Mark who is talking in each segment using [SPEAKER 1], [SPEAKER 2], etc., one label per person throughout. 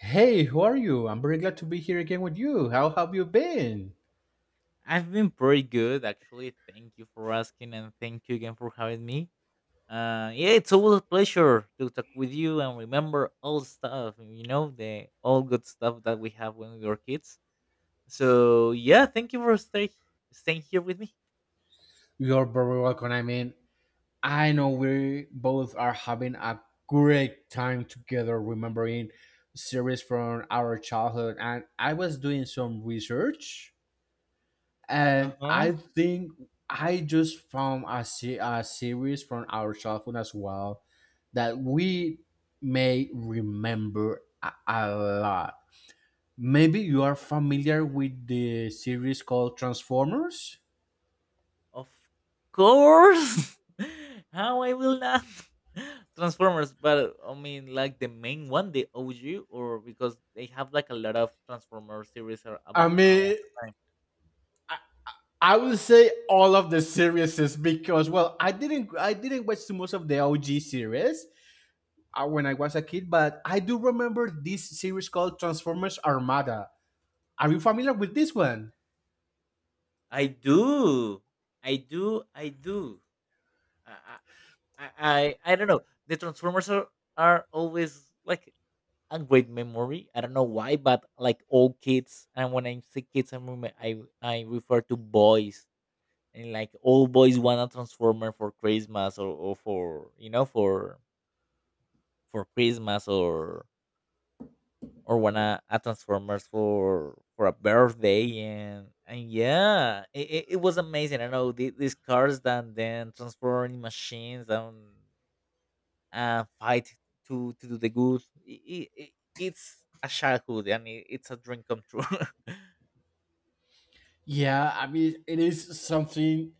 [SPEAKER 1] Hey, who are you? I'm very glad to be here again with you. How have you been?
[SPEAKER 2] I've been pretty good, actually. Thank you for asking, and thank you again for having me. Yeah, it's always a pleasure to talk with you and remember all stuff, the all good stuff that we have when we were kids. So yeah, thank you for staying here with me.
[SPEAKER 1] You're very welcome. I know we both are having a great time together remembering series from our childhood. And I was doing some research
[SPEAKER 2] Uh
[SPEAKER 1] and I
[SPEAKER 2] huh.
[SPEAKER 1] think I just found a series from our childhood as well that we may remember a lot. Maybe you are familiar with the series called Transformers?
[SPEAKER 2] Of course. How I will not Transformers, but I mean like the main one, the OG, or because they have like a lot of Transformers series
[SPEAKER 1] I
[SPEAKER 2] about
[SPEAKER 1] mean,
[SPEAKER 2] around the
[SPEAKER 1] I would say all of the series is because well, I didn't watch too much of the OG series when I was a kid, but I do remember this series called Transformers Armada. Are you familiar with this one?
[SPEAKER 2] I do. I do. I do. I I don't know. The Transformers are always like a great memory. I don't know why, but like all kids, and when I say kids, I remember I refer to boys, and like all boys want a Transformer for Christmas, or for for Christmas, or want a Transformers for a birthday, and yeah, it was amazing. I know these cars that then transform in machines and fight to do the good. I- I- I- it's a childhood, and it's a dream come true.
[SPEAKER 1] Yeah, I mean, it is something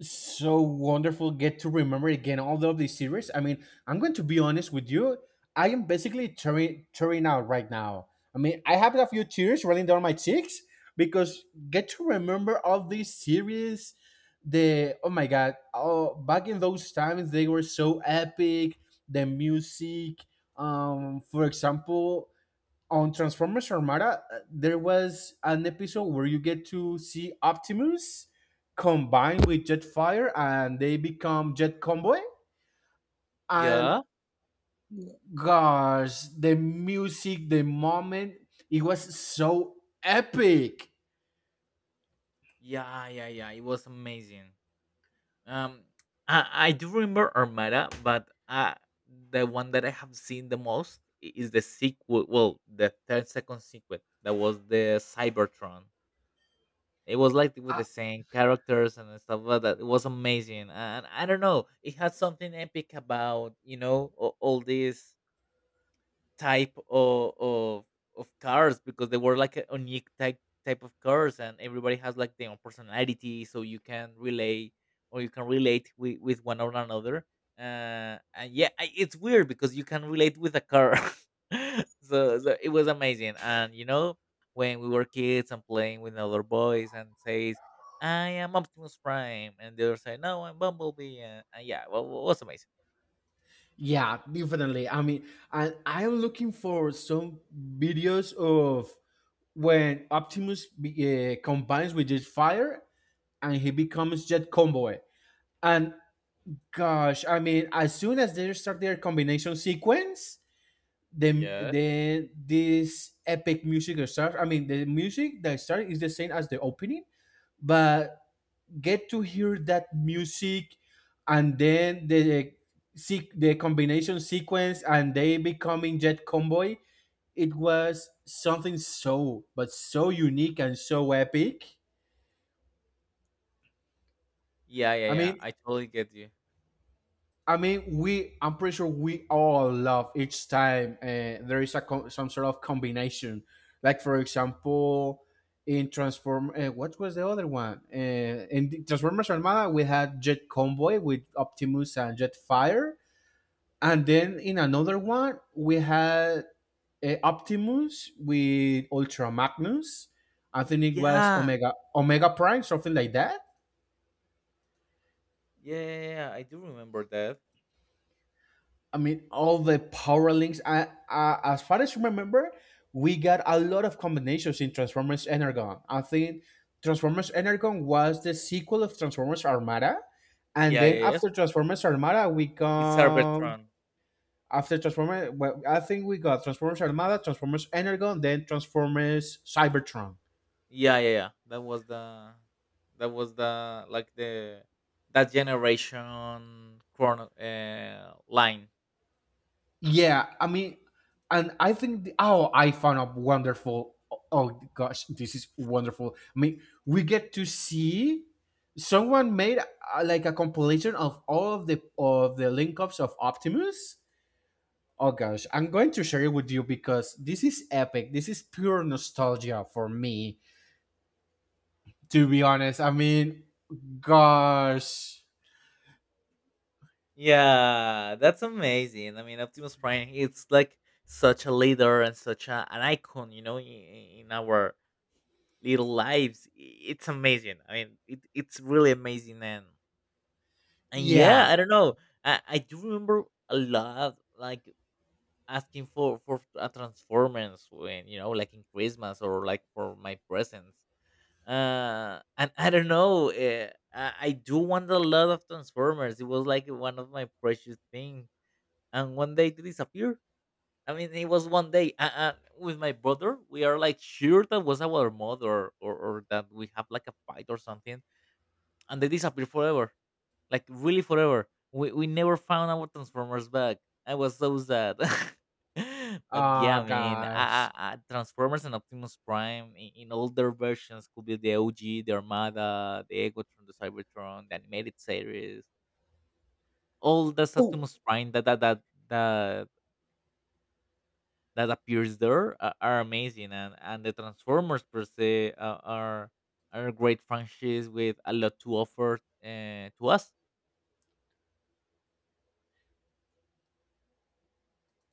[SPEAKER 1] so wonderful get to remember again all of these series. I mean, I'm going to be honest with you. I am basically tearing out right now. I mean, I have a few tears running down my cheeks because get to remember all these series. The oh my god! Oh, back in those times they were so epic. The music, for example, on Transformers Armada, there was an episode where you get to see Optimus combined with Jetfire and they become Jet Convoy. And
[SPEAKER 2] Yeah,
[SPEAKER 1] gosh, the music, the moment, it was so epic.
[SPEAKER 2] yeah, yeah, yeah. It was amazing. Um, I do remember Armada, but the one that I have seen the most is the sequel. Well, the third second sequel, that was the Cybertron. It was like with
[SPEAKER 1] Uh,
[SPEAKER 2] the same characters and stuff like that. It was amazing, and I don't know, it had something epic about all this type of cars because they were like a unique type of cars, and everybody has like their own personality, so you can relay or you can relate with one or another, and yeah, it's weird because you can relate with a car. so it was amazing, and when we were kids and playing with other boys and says, I am Optimus Prime, and they other say, no, I'm Bumblebee, and yeah, well, was amazing.
[SPEAKER 1] yeah, definitely. I mean, and I'm looking for some videos of when Optimus combines with Jetfire and he becomes Jet Convoy. And gosh, I mean, as soon as they start their combination sequence, then
[SPEAKER 2] Yeah,
[SPEAKER 1] then this epic music that starts. I mean, the music that starts is the same as the opening, but get to hear that music, and then the seek the combination sequence, and they becoming Jet Convoy. It was something so but so unique and so epic.
[SPEAKER 2] yeah, yeah,
[SPEAKER 1] I
[SPEAKER 2] yeah,
[SPEAKER 1] mean,
[SPEAKER 2] I totally get you.
[SPEAKER 1] I mean, we. I'm pretty sure we all love each time there is a some sort of combination. Like for example, in Transform, what was the other one? In Transformers Armada, we had Jet Convoy with Optimus and Jetfire, and then in another one we had Optimus with Ultra Magnus. I think it was
[SPEAKER 2] Yeah.
[SPEAKER 1] Omega Prime, something like that.
[SPEAKER 2] Yeah, yeah, yeah. Yeah, I do remember that.
[SPEAKER 1] I mean, all the power links. As far as remember, we got a lot of combinations in Transformers Energon. I think Transformers Energon was the sequel of Transformers Armada, and
[SPEAKER 2] Yeah,
[SPEAKER 1] then
[SPEAKER 2] yeah, yes.
[SPEAKER 1] after Transformers Armada, we
[SPEAKER 2] It's
[SPEAKER 1] come
[SPEAKER 2] Arbitron.
[SPEAKER 1] after Transformers. Well, I think we got Transformers Armada, Transformers Energon, then Transformers Cybertron.
[SPEAKER 2] Yeah, yeah, yeah. That was the, that was the, like the, that generation chrono, line.
[SPEAKER 1] Yeah, I mean, and I think the, oh, I found out wonderful. Oh gosh, this is wonderful. I mean, we get to see someone made like a compilation of all of the link ups of Optimus. Oh gosh, I'm going to share it with you because this is epic. This is pure nostalgia for me, to be honest. I mean, gosh,
[SPEAKER 2] Yeah, that's amazing. I mean, Optimus Prime. It's like such a leader and such an icon, in our little lives. It's amazing. I mean, it's really amazing. And yeah,
[SPEAKER 1] yeah.
[SPEAKER 2] I don't know. I do remember a lot. Like asking for a transformance when like in Christmas, or like for my presents. And I don't know, I do want a lot of Transformers. It was like one of my precious things, and one day they disappeared. I mean, it was one day, with my brother, we are like sure that was our mother, or that we have like a fight or something, and they disappear forever, like really forever. We never found our Transformers back. I was so sad. But yeah,
[SPEAKER 1] Oh
[SPEAKER 2] I mean,
[SPEAKER 1] gosh.
[SPEAKER 2] Transformers and Optimus Prime in older versions could be the OG, the Armada, the Egotron, the Cybertron, the animated series. All the
[SPEAKER 1] Oh,
[SPEAKER 2] Optimus Prime that, that appears there are amazing, and the Transformers per se, are a great franchise with a lot to offer, to us.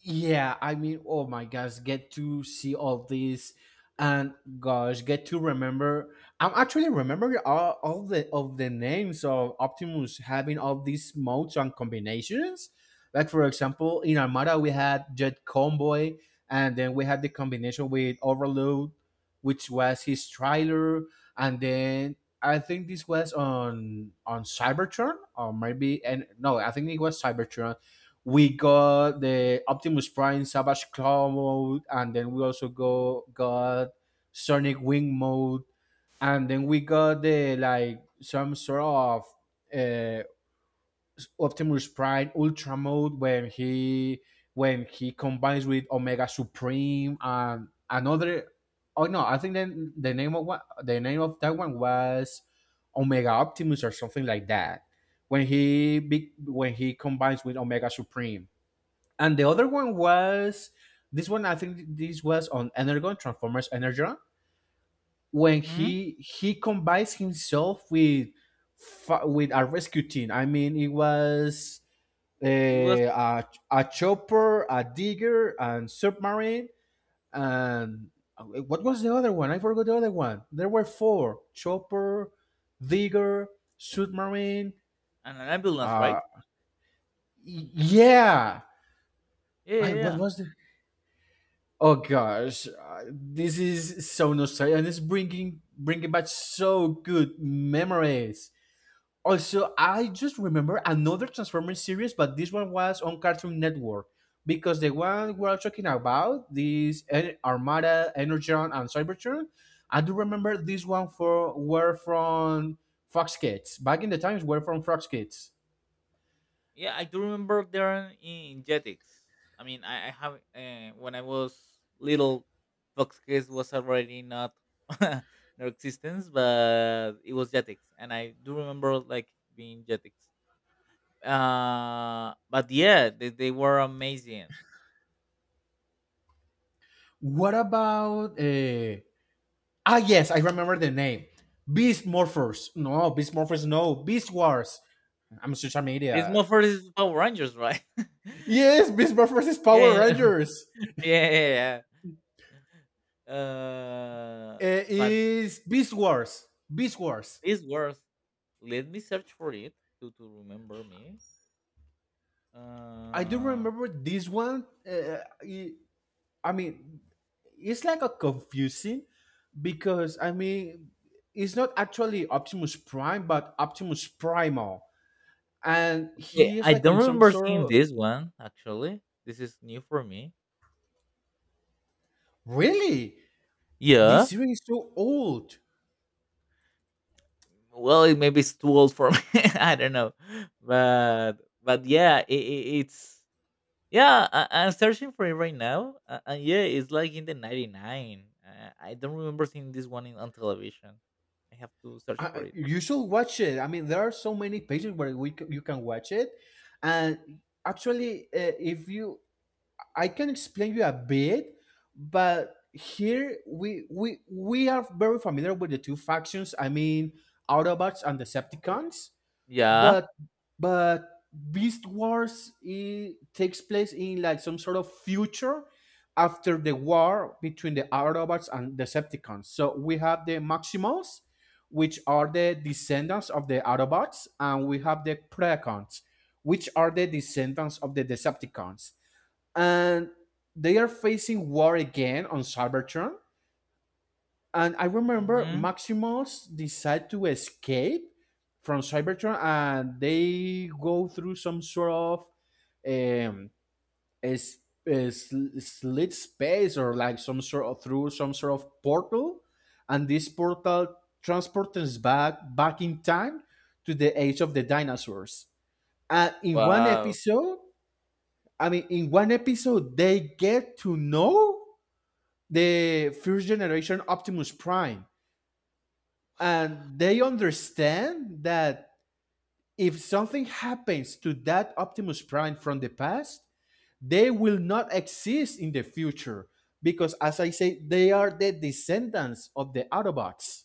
[SPEAKER 1] yeah, I mean, oh my gosh, get to see all this, and gosh, get to remember. I'm actually remembering all the of the names of Optimus having all these modes and combinations. Like for example, in Armada we had Jet Convoy, and then we had the combination with Overload, which was his trailer, and then I think this was on Cybertron or maybe and no, I think it was Cybertron we got the Optimus Prime Savage Claw mode, and then we also go got Sonic Wing mode, and then we got the like some sort of uh, Optimus Prime Ultra mode when he combines with Omega Supreme and another. Oh no, I think then the name of what the name of that one was Omega Optimus or something like that. When he combines with Omega Supreme and the other one was this one. I think this was on Energon Transformers Energon when
[SPEAKER 2] Hmm.
[SPEAKER 1] he combines himself with with a rescue team. I mean, it was
[SPEAKER 2] It was
[SPEAKER 1] a chopper, a digger, and submarine, and what was the other one? I forgot the other one. There were four: chopper, digger, submarine.
[SPEAKER 2] an ambulance,
[SPEAKER 1] Uh,
[SPEAKER 2] right?
[SPEAKER 1] yeah.
[SPEAKER 2] Yeah,
[SPEAKER 1] I,
[SPEAKER 2] yeah,
[SPEAKER 1] what
[SPEAKER 2] yeah.
[SPEAKER 1] was the Oh gosh, this is so nostalgic, and it's bringing back so good memories. Also, I just remember another Transformers series, but this one was on Cartoon Network because the one we're talking about, this Armada, Energon, and Cybertron. I do remember this one for were from Fox Kids back in the times. Were from Fox Kids.
[SPEAKER 2] Yeah, I do remember there are in Jetix. I mean, I have, when I was little, Fox Kids was already not no existence, but it was Jetix, and I do remember like being Jetix. But yeah, they were amazing.
[SPEAKER 1] What about ah, yes, I remember the name. Beast Morphers. No, Beast Morphers, no. Beast Wars. I'm such an
[SPEAKER 2] This
[SPEAKER 1] idiot.
[SPEAKER 2] Morpher is Power Rangers, right?
[SPEAKER 1] Yes, Beast Morphers is Power
[SPEAKER 2] Yeah,
[SPEAKER 1] Rangers.
[SPEAKER 2] yeah, yeah, yeah. Uh, but
[SPEAKER 1] Is Beast Wars. Beast Wars.
[SPEAKER 2] this was. Let me search for it to remember me.
[SPEAKER 1] I do
[SPEAKER 2] Uh,
[SPEAKER 1] remember this one. I mean, it's like a confusing because, I mean, it's not actually Optimus Prime, but Optimus Primal. And
[SPEAKER 2] okay,
[SPEAKER 1] he is
[SPEAKER 2] I
[SPEAKER 1] like
[SPEAKER 2] don't
[SPEAKER 1] on some
[SPEAKER 2] remember
[SPEAKER 1] sort
[SPEAKER 2] seeing
[SPEAKER 1] of.
[SPEAKER 2] this one actually. This is new for me.
[SPEAKER 1] Really? This
[SPEAKER 2] Yeah.
[SPEAKER 1] series is so old.
[SPEAKER 2] Well, it maybe it's too old for me. I don't know, but but yeah, it's yeah. I'm searching for it right now, and yeah, it's like in the '99. I don't remember seeing this one on television. I have to search for
[SPEAKER 1] I,
[SPEAKER 2] it.
[SPEAKER 1] you should watch it. I mean, there are so many pages where you can watch it, and actually, if you, I can explain you a bit, but here we are very familiar with the two factions. I mean, Autobots and Decepticons,
[SPEAKER 2] Yeah.
[SPEAKER 1] but but Beast Wars it takes place in like some sort of future after the war between the Autobots and Decepticons. So we have the Maximals, which are the descendants of the Autobots, and we have the Predacons, which are the descendants of the Decepticons, and they are facing war again on Cybertron and I remember
[SPEAKER 2] Mhm.
[SPEAKER 1] Maximals decide to escape from Cybertron, and they go through some sort of um, is, is slit space or like some sort of through some sort of portal, and this portal transports us back in time to the age of the dinosaurs. And in one
[SPEAKER 2] Wow.
[SPEAKER 1] episode, they get to know the first generation Optimus Prime and they understand that if something happens to that Optimus Prime from the past, they will not exist in the future because, as I say, they are the descendants of the Autobots.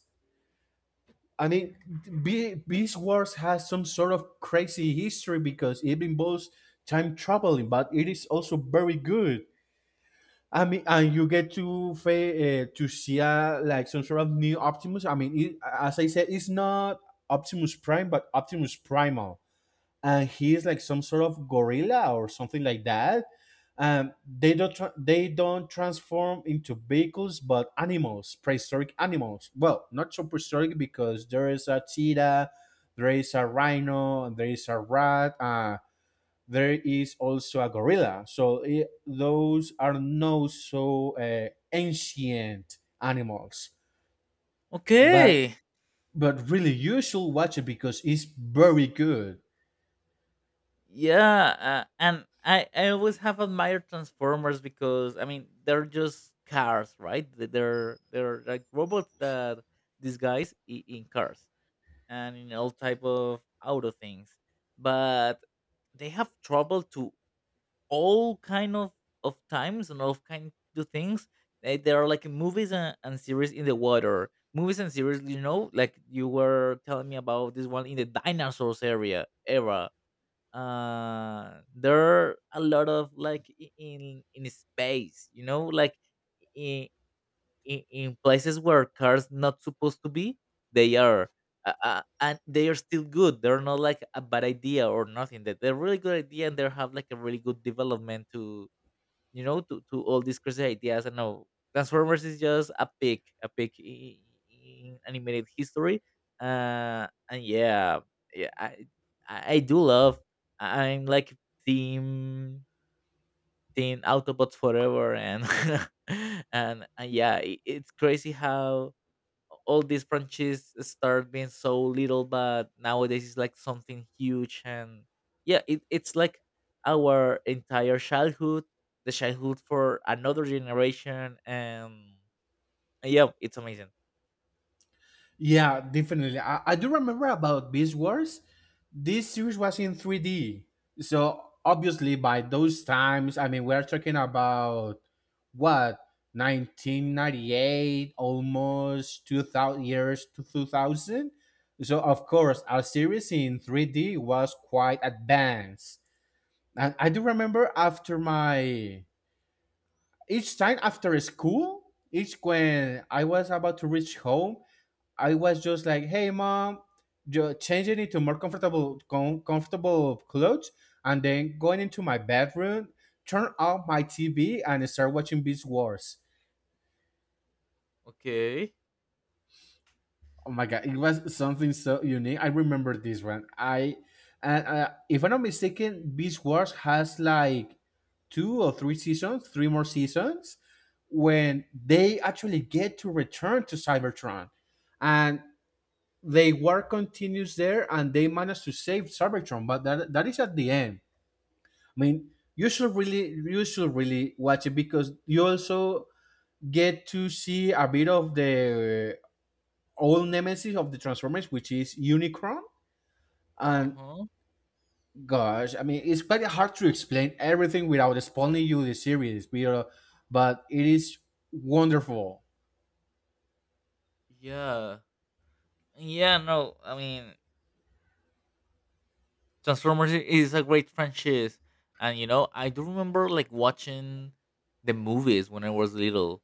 [SPEAKER 1] I mean, Beast Wars has some sort of crazy history because it involves time traveling, but it is also very good. I mean, and you get to to see like some sort of new Optimus. I mean, it, as I said, it's not Optimus Prime, but Optimus Primal, and he is like some sort of gorilla or something like that. They don't tra- they don't transform into vehicles, but animals, prehistoric animals. Well, not so prehistoric because there is a cheetah, there is a rhino, and there is a rat. There is also a gorilla. So it, those are not so ancient animals, but
[SPEAKER 2] Okay.
[SPEAKER 1] but really you should watch it because it's very good.
[SPEAKER 2] Yeah, and I always have admired Transformers, because I mean they're just cars, right? They're like robots that disguise in cars, and in all type of auto things, but they have trouble to all kind of times, and all kind of things. They are like movies and series in the water. Movies and series, like you were telling me about this one in the dinosaurs area era. There are a lot of like, in space, like in in places where cars not supposed to be, they are, and they are still good, they're not like a bad idea or nothing, that they're really good idea, and they have like a really good development to, to all these crazy ideas. I know Transformers is just a peak in animated history. And yeah, yeah, I do love. I'm like team team Autobots forever, and and yeah, it's crazy how all these branches start being so little, but nowadays it's like something huge, and yeah, it's like our entire childhood, the childhood for another generation, and yeah, it's amazing.
[SPEAKER 1] Yeah, definitely. I do remember about Beast Wars. This series was in 3D. So obviously by those times, I mean we're talking about what 1998 almost 2000 years to 2000 so of course our series in 3D was quite advanced and I do remember after my each time after school each when I was about to reach home I was just like, "Hey, mom, changing into more comfortable comfortable clothes, and then going into my bedroom, turn off my TV, and start watching Beast Wars."
[SPEAKER 2] Okay.
[SPEAKER 1] Oh my god, it was something so unique. I remember this one. I and If I'm not mistaken, Beast Wars has like two or three seasons, three more seasons, when they actually get to return to Cybertron. And they war continues there, and they manage to save Cybertron, but that is at the end. I mean, you should really watch it because you also get to see a bit of the old nemesis of the Transformers, which is Unicron.
[SPEAKER 2] Uh
[SPEAKER 1] And
[SPEAKER 2] huh.
[SPEAKER 1] gosh, I mean, it's quite hard to explain everything without spoiling you the series, but it is wonderful.
[SPEAKER 2] Yeah. Yeah, no, I mean, Transformers is a great franchise, and I do remember like watching the movies when I was little,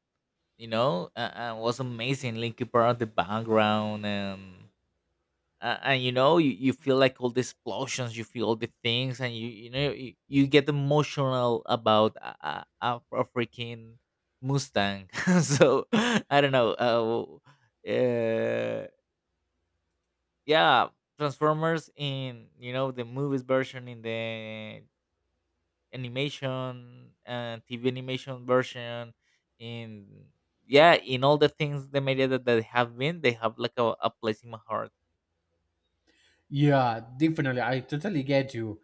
[SPEAKER 2] and it was amazing, linky park in the background, and you feel like all the explosions, you feel all the things, and you get emotional about a freaking Mustang. So I don't know, uh, uh yeah, Transformers in, the movies version, in the animation, TV animation version, in, yeah, in all the things, the media that have been, they have like a place in my heart.
[SPEAKER 1] Yeah, definitely. I totally get you.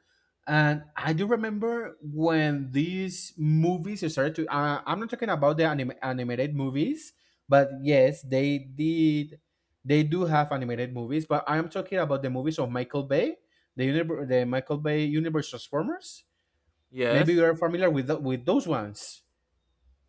[SPEAKER 1] And I do remember when these movies started to. I'm not talking about the animated movies, but yes, they did. They do have animated movies, but I'm talking about the movies of Michael Bay, the the Michael Bay universe Transformers. Maybe you
[SPEAKER 2] Yes.
[SPEAKER 1] are familiar with with those ones.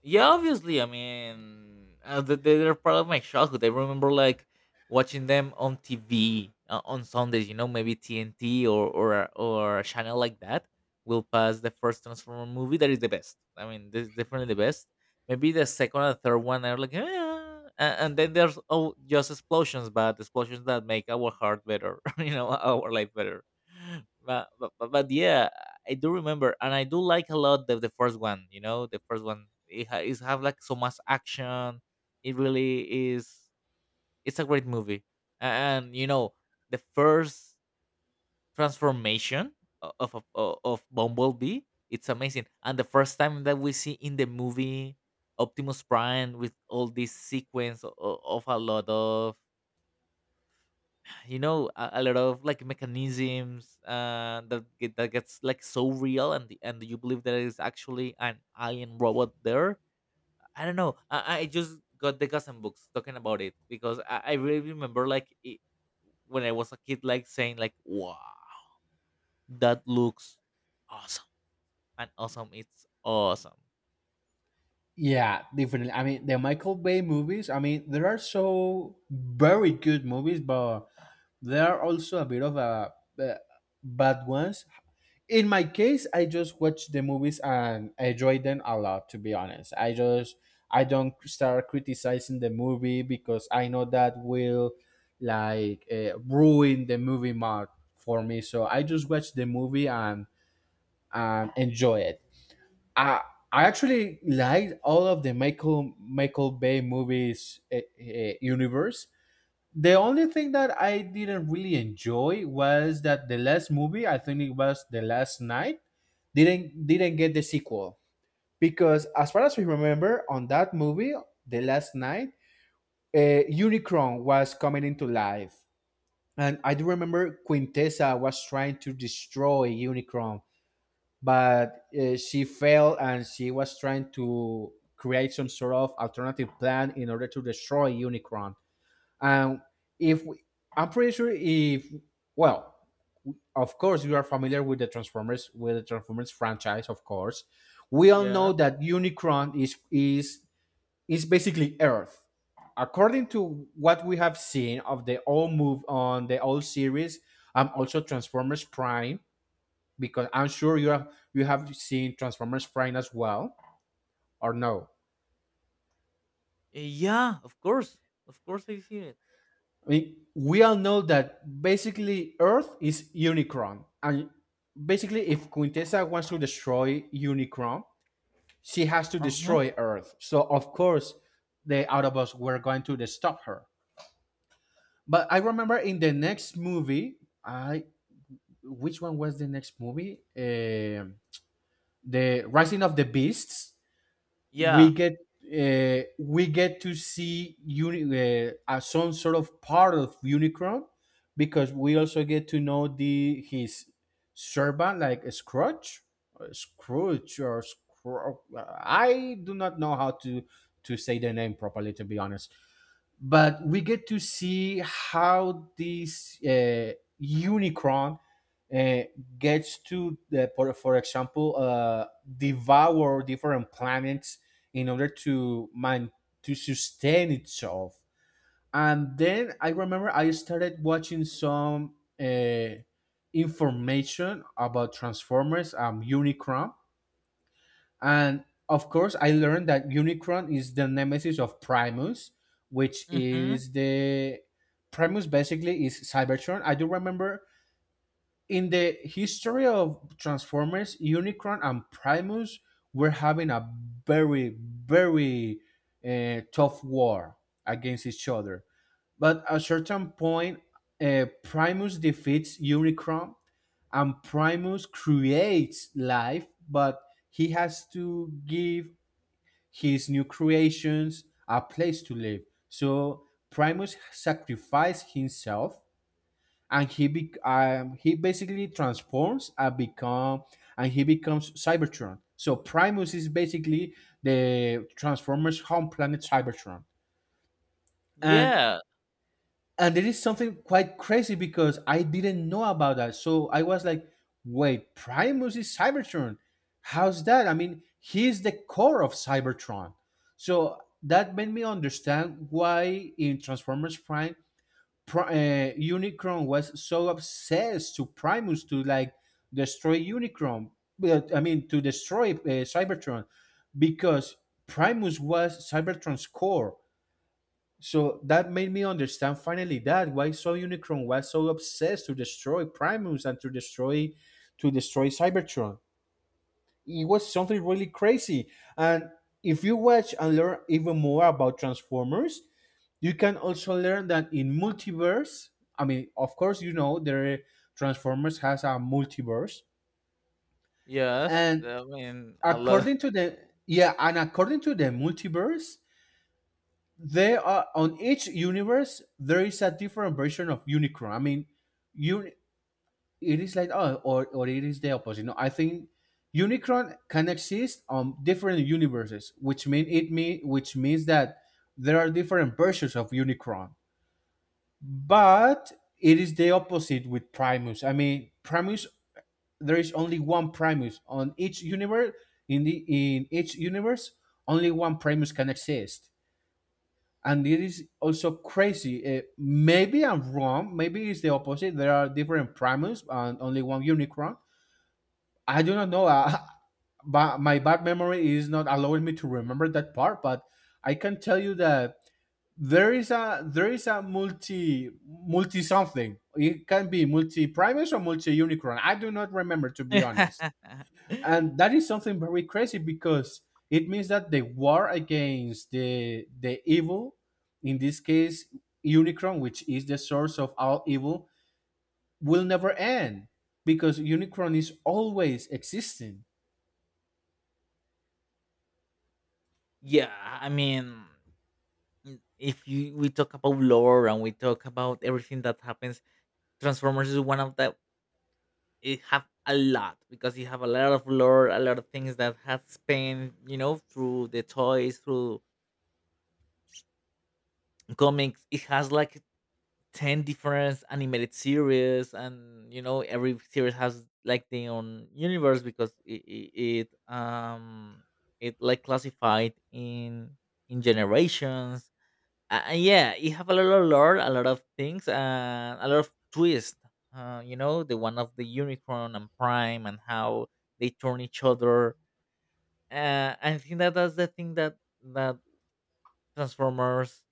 [SPEAKER 2] Yeah, obviously. I mean, they're part of my childhood. I remember like watching them on TV, on Sundays. You know, maybe TNT, or a channel like that, will pass the first Transformer movie. That is the best. I mean, this is definitely the best. Maybe the second and third one are like, "Ah," and then there's, oh, just explosions, but explosions that make our heart better. Our life better. But yeah, I do remember, and I do like a lot the first one. You know, the first one, it is have like so much action. It really is. It's a great movie, and the first transformation of Bumblebee. It's amazing, and the first time that we see in the movie Optimus Prime with all this sequence of a lot of you know a lot of like mechanisms, that gets like so real, and you believe there is actually an alien robot there. I don't know, I just got the Gotham books talking about it, because, I really remember like it, when I was a kid, like saying like, wow, that looks awesome. And awesome, it's awesome.
[SPEAKER 1] Yeah, definitely. I mean, the Michael Bay movies, I mean, there are so very good movies, but there are also a bit of a, uh bad ones. In my case, I just watch the movies and I enjoy them a lot, to be honest. I don't start criticizing the movie because I know that will like ruin the movie mark for me. So I just watch the movie and enjoy it. I I actually liked all of the Michael Bay movies universe. The only thing that I didn't really enjoy was that the last movie, I think it was The Last Night, didn't get the sequel because as far as we remember on that movie, The Last Night, Unicron was coming into life. And I do remember Quintessa was trying to destroy Unicron but she failed and she was trying to create some sort of alternative plan in order to destroy Unicron. And if we, I'm pretty sure if well, of course you are familiar with the Transformers franchise, of course. We all know
[SPEAKER 2] Yeah.
[SPEAKER 1] that Unicron is basically Earth. According to what we have seen of the old move on the old series, also Transformers Prime, because I'm sure you have seen Transformers Prime as well, or no?
[SPEAKER 2] Uh, yeah of course of course, I see it.
[SPEAKER 1] I mean, we all know that basically Earth is Unicron, and basically if Quintessa wants to destroy Unicron, she has to
[SPEAKER 2] Uh huh.
[SPEAKER 1] destroy Earth. So of course, the Autobots were going to stop her. But I remember in the next movie, I which one was the next movie? The Rising of the Beasts, we
[SPEAKER 2] Yeah.
[SPEAKER 1] get we get to see some sort of part of Unicron because we also get to know the his servant like Scrooge, or I do not know how to say the name properly, to be honest, but we get to see how this Unicron uh, gets to, for example, devour different planets in order to man to sustain itself. And then I remember I started watching some information about Transformers, Unicron, and of course, I learned that Unicron is the nemesis of Primus, which
[SPEAKER 2] Mm hmm.
[SPEAKER 1] is the Primus basically is Cybertron. I do remember in the history of Transformers, Unicron and Primus were having a very, very tough war against each other. But at a certain point, Primus defeats Unicron and Primus creates life, but he has to give his new creations a place to live. So Primus sacrifices himself, and he basically transforms and he becomes Cybertron. So Primus is basically the Transformers home planet Cybertron, and
[SPEAKER 2] Yeah.
[SPEAKER 1] there is something quite crazy because I didn't know about that. So I was like, wait, Primus is Cybertron. How's that? I mean, he's the core of Cybertron. So that made me understand why in Transformers Prime, Unicron was so obsessed to Primus to like destroy Unicron. But, I mean, to destroy Cybertron because Primus was Cybertron's core, so that made me understand finally that why so Unicron was so obsessed to destroy Primus and to destroy Cybertron. It was something really crazy. And if you watch and learn even more about Transformers, you can also learn that in multiverse, I mean, of course, you know the Transformers has a multiverse,
[SPEAKER 2] Yes.
[SPEAKER 1] and
[SPEAKER 2] I mean, I love.
[SPEAKER 1] according to the according to the multiverse, they are on each universe there is a different version of Unicron. I mean, you it is like, oh or it is the opposite. No, I think Unicron can exist on different universes, which mean it mean which means that there are different versions of Unicron, but it is the opposite with Primus. I mean, primus there is only one Primus on each universe, in each universe only one Primus can exist, and it is also crazy. Maybe I'm wrong. Maybe it's the opposite. There are different primates and only one unicorn. I do not know. But my bad memory is not allowing me to remember that part. But I can tell you that there is a multi multi something. It can be multi primus or multi unicorn. I do not remember, to be honest. And that is something very crazy, because it means that the war against the evil, in this case Unicron, which is the source of all evil, will never end because Unicron is always existing.
[SPEAKER 2] Yeah, I mean, if you we talk about lore, and we talk about everything that happens, Transformers is one of the, it have a lot, because you have a lot of lore, a lot of things that has been, through the toys, through comics. It has like 10 different animated series, and every series has like their own universe, because it like classified in generations. Yeah, you have a lot of lore, a lot of things, a lot of twist. The one of the unicorn and Prime, and how they turn each other. I think that that's the thing that that Transformers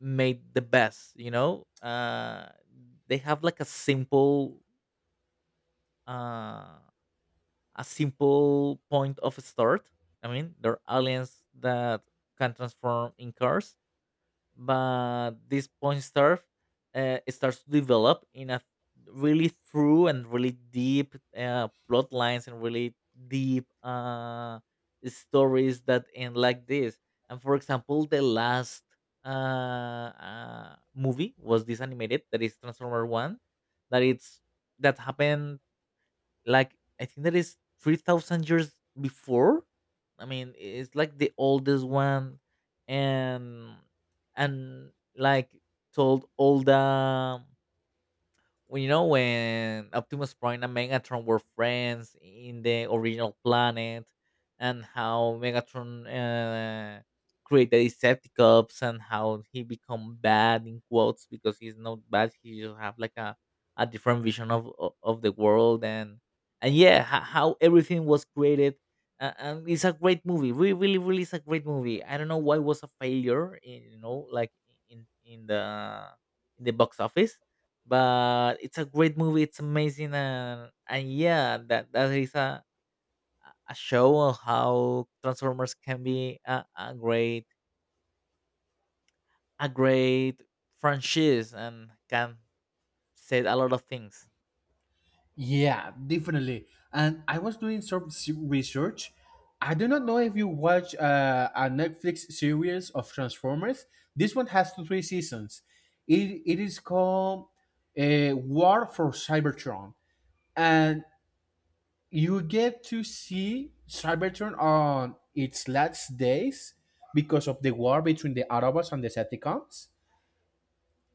[SPEAKER 2] made the best. They have like uh, a simple point of start. I mean, they're aliens that can transform in cars, but this point, surf it starts to develop in a really through and really deep, plot lines, and really deep, stories that end like this. And for example, the last, uh, movie was this animated that is Transformer One, that it's that happened like, I think, that is 3,000 years before. I mean, it's like the oldest one, and and like told all the when you know when Optimus Prime and Megatron were friends in the original planet, and how Megatron, created Decepticons, and how he become bad, in quotes, because he's not bad. He just have like a different vision of the world, and yeah, how everything was created. And it's a great movie. Really, really, really, it's a great movie. I don't know why it was a failure. In, like, in in the in the box office, but it's a great movie, it's amazing, and yeah, that is a show on how Transformers can be a great franchise, and can say a lot of things.
[SPEAKER 1] Yeah, definitely. And I was doing some research. I do not know if you watch a Netflix series of Transformers. This one has two three seasons. It is called War for Cybertron, and you get to see Cybertron on its last days because of the war between the Autobots and the Decepticons,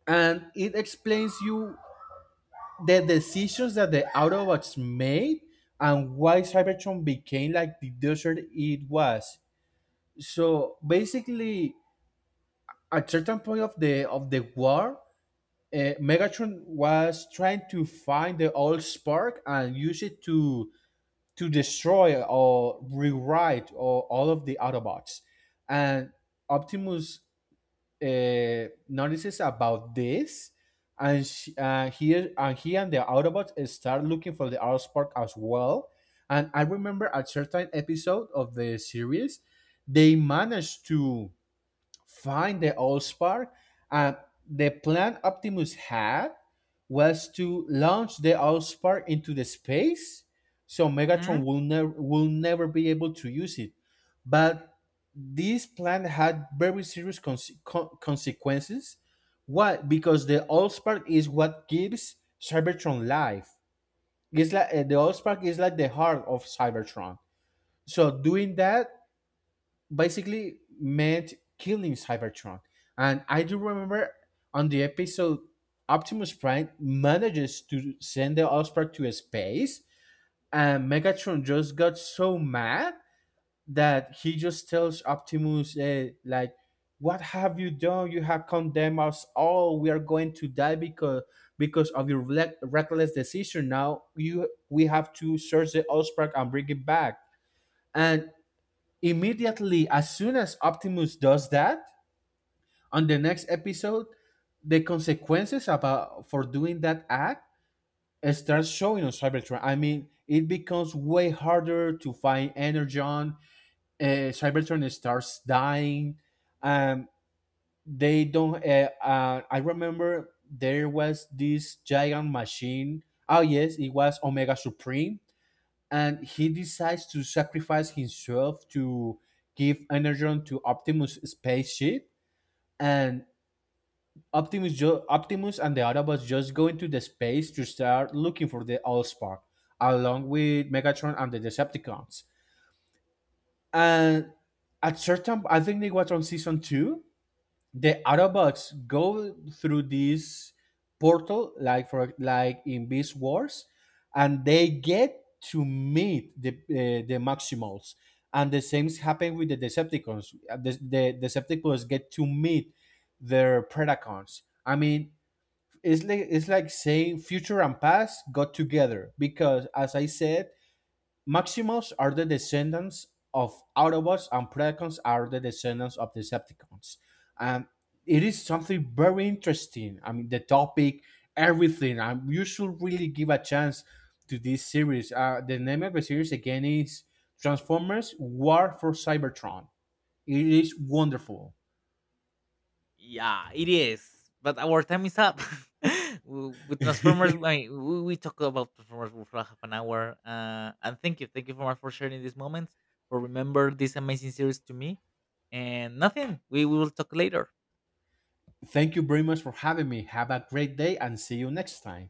[SPEAKER 1] and it explains you the decisions that the Autobots made and why Cybertron became like the desert it was. So basically, at certain point of the war, uh, Megatron was trying to find the old spark and use it to destroy or rewrite or all of the Autobots. And Optimus notices about this, and she, he and the Autobots start looking for the Autospark as well. And I remember a certain episode of the series, they managed to find the Allspark. And the plan Optimus had was to launch the Allspark into the space, so Megatron
[SPEAKER 2] Hmm.
[SPEAKER 1] will never be able to use it. But this plan had very serious consequences. Why? Because the Allspark is what gives Cybertron life. It's like the Allspark is like the heart of Cybertron. So doing that basically meant killing Cybertron. And I do remember on the episode, Optimus Prime manages to send the Osprey to space, and Megatron just got so mad that he just tells Optimus, eh, like, what have you done? You have condemned us all. We are going to die because of your reckless decision. Now you we have to search the Osprey and bring it back. And immediately, as soon as Optimus does that, on the next episode, the consequences about for doing that act starts showing on Cybertron. I mean, it becomes way harder to find Energon. Cybertron starts dying. Um, they don't. I remember there was this giant machine. Oh yes, it was Omega Supreme, and he decides to sacrifice himself to give Energon to Optimus' spaceship. And Optimus and the Autobots just go into the space to start looking for the Allspark, along with Megatron and the Decepticons. And at certain, I think it was on season two, the Autobots go through this portal, like for like in Beast Wars, and they get to meet the Maximals. And the same happen with the Decepticons. The Decepticons get to meet their Predacons. I mean, it's like saying future and past got together, because, as I said, Maximals are the descendants of Autobots, and Predacons are the descendants of Decepticons. And it is something very interesting. I mean, the topic, everything. You should really give a chance to this series. The name of the series again is Transformers War for Cybertron. It is wonderful.
[SPEAKER 2] Yeah, it is. But our time is up. With Transformers, I mean, we talk about Transformers for half an hour. And thank you for much for sharing these moments, for remember this amazing series to me. And nothing, we will talk later.
[SPEAKER 1] Thank you very much for having me. Have a great day and see you next time.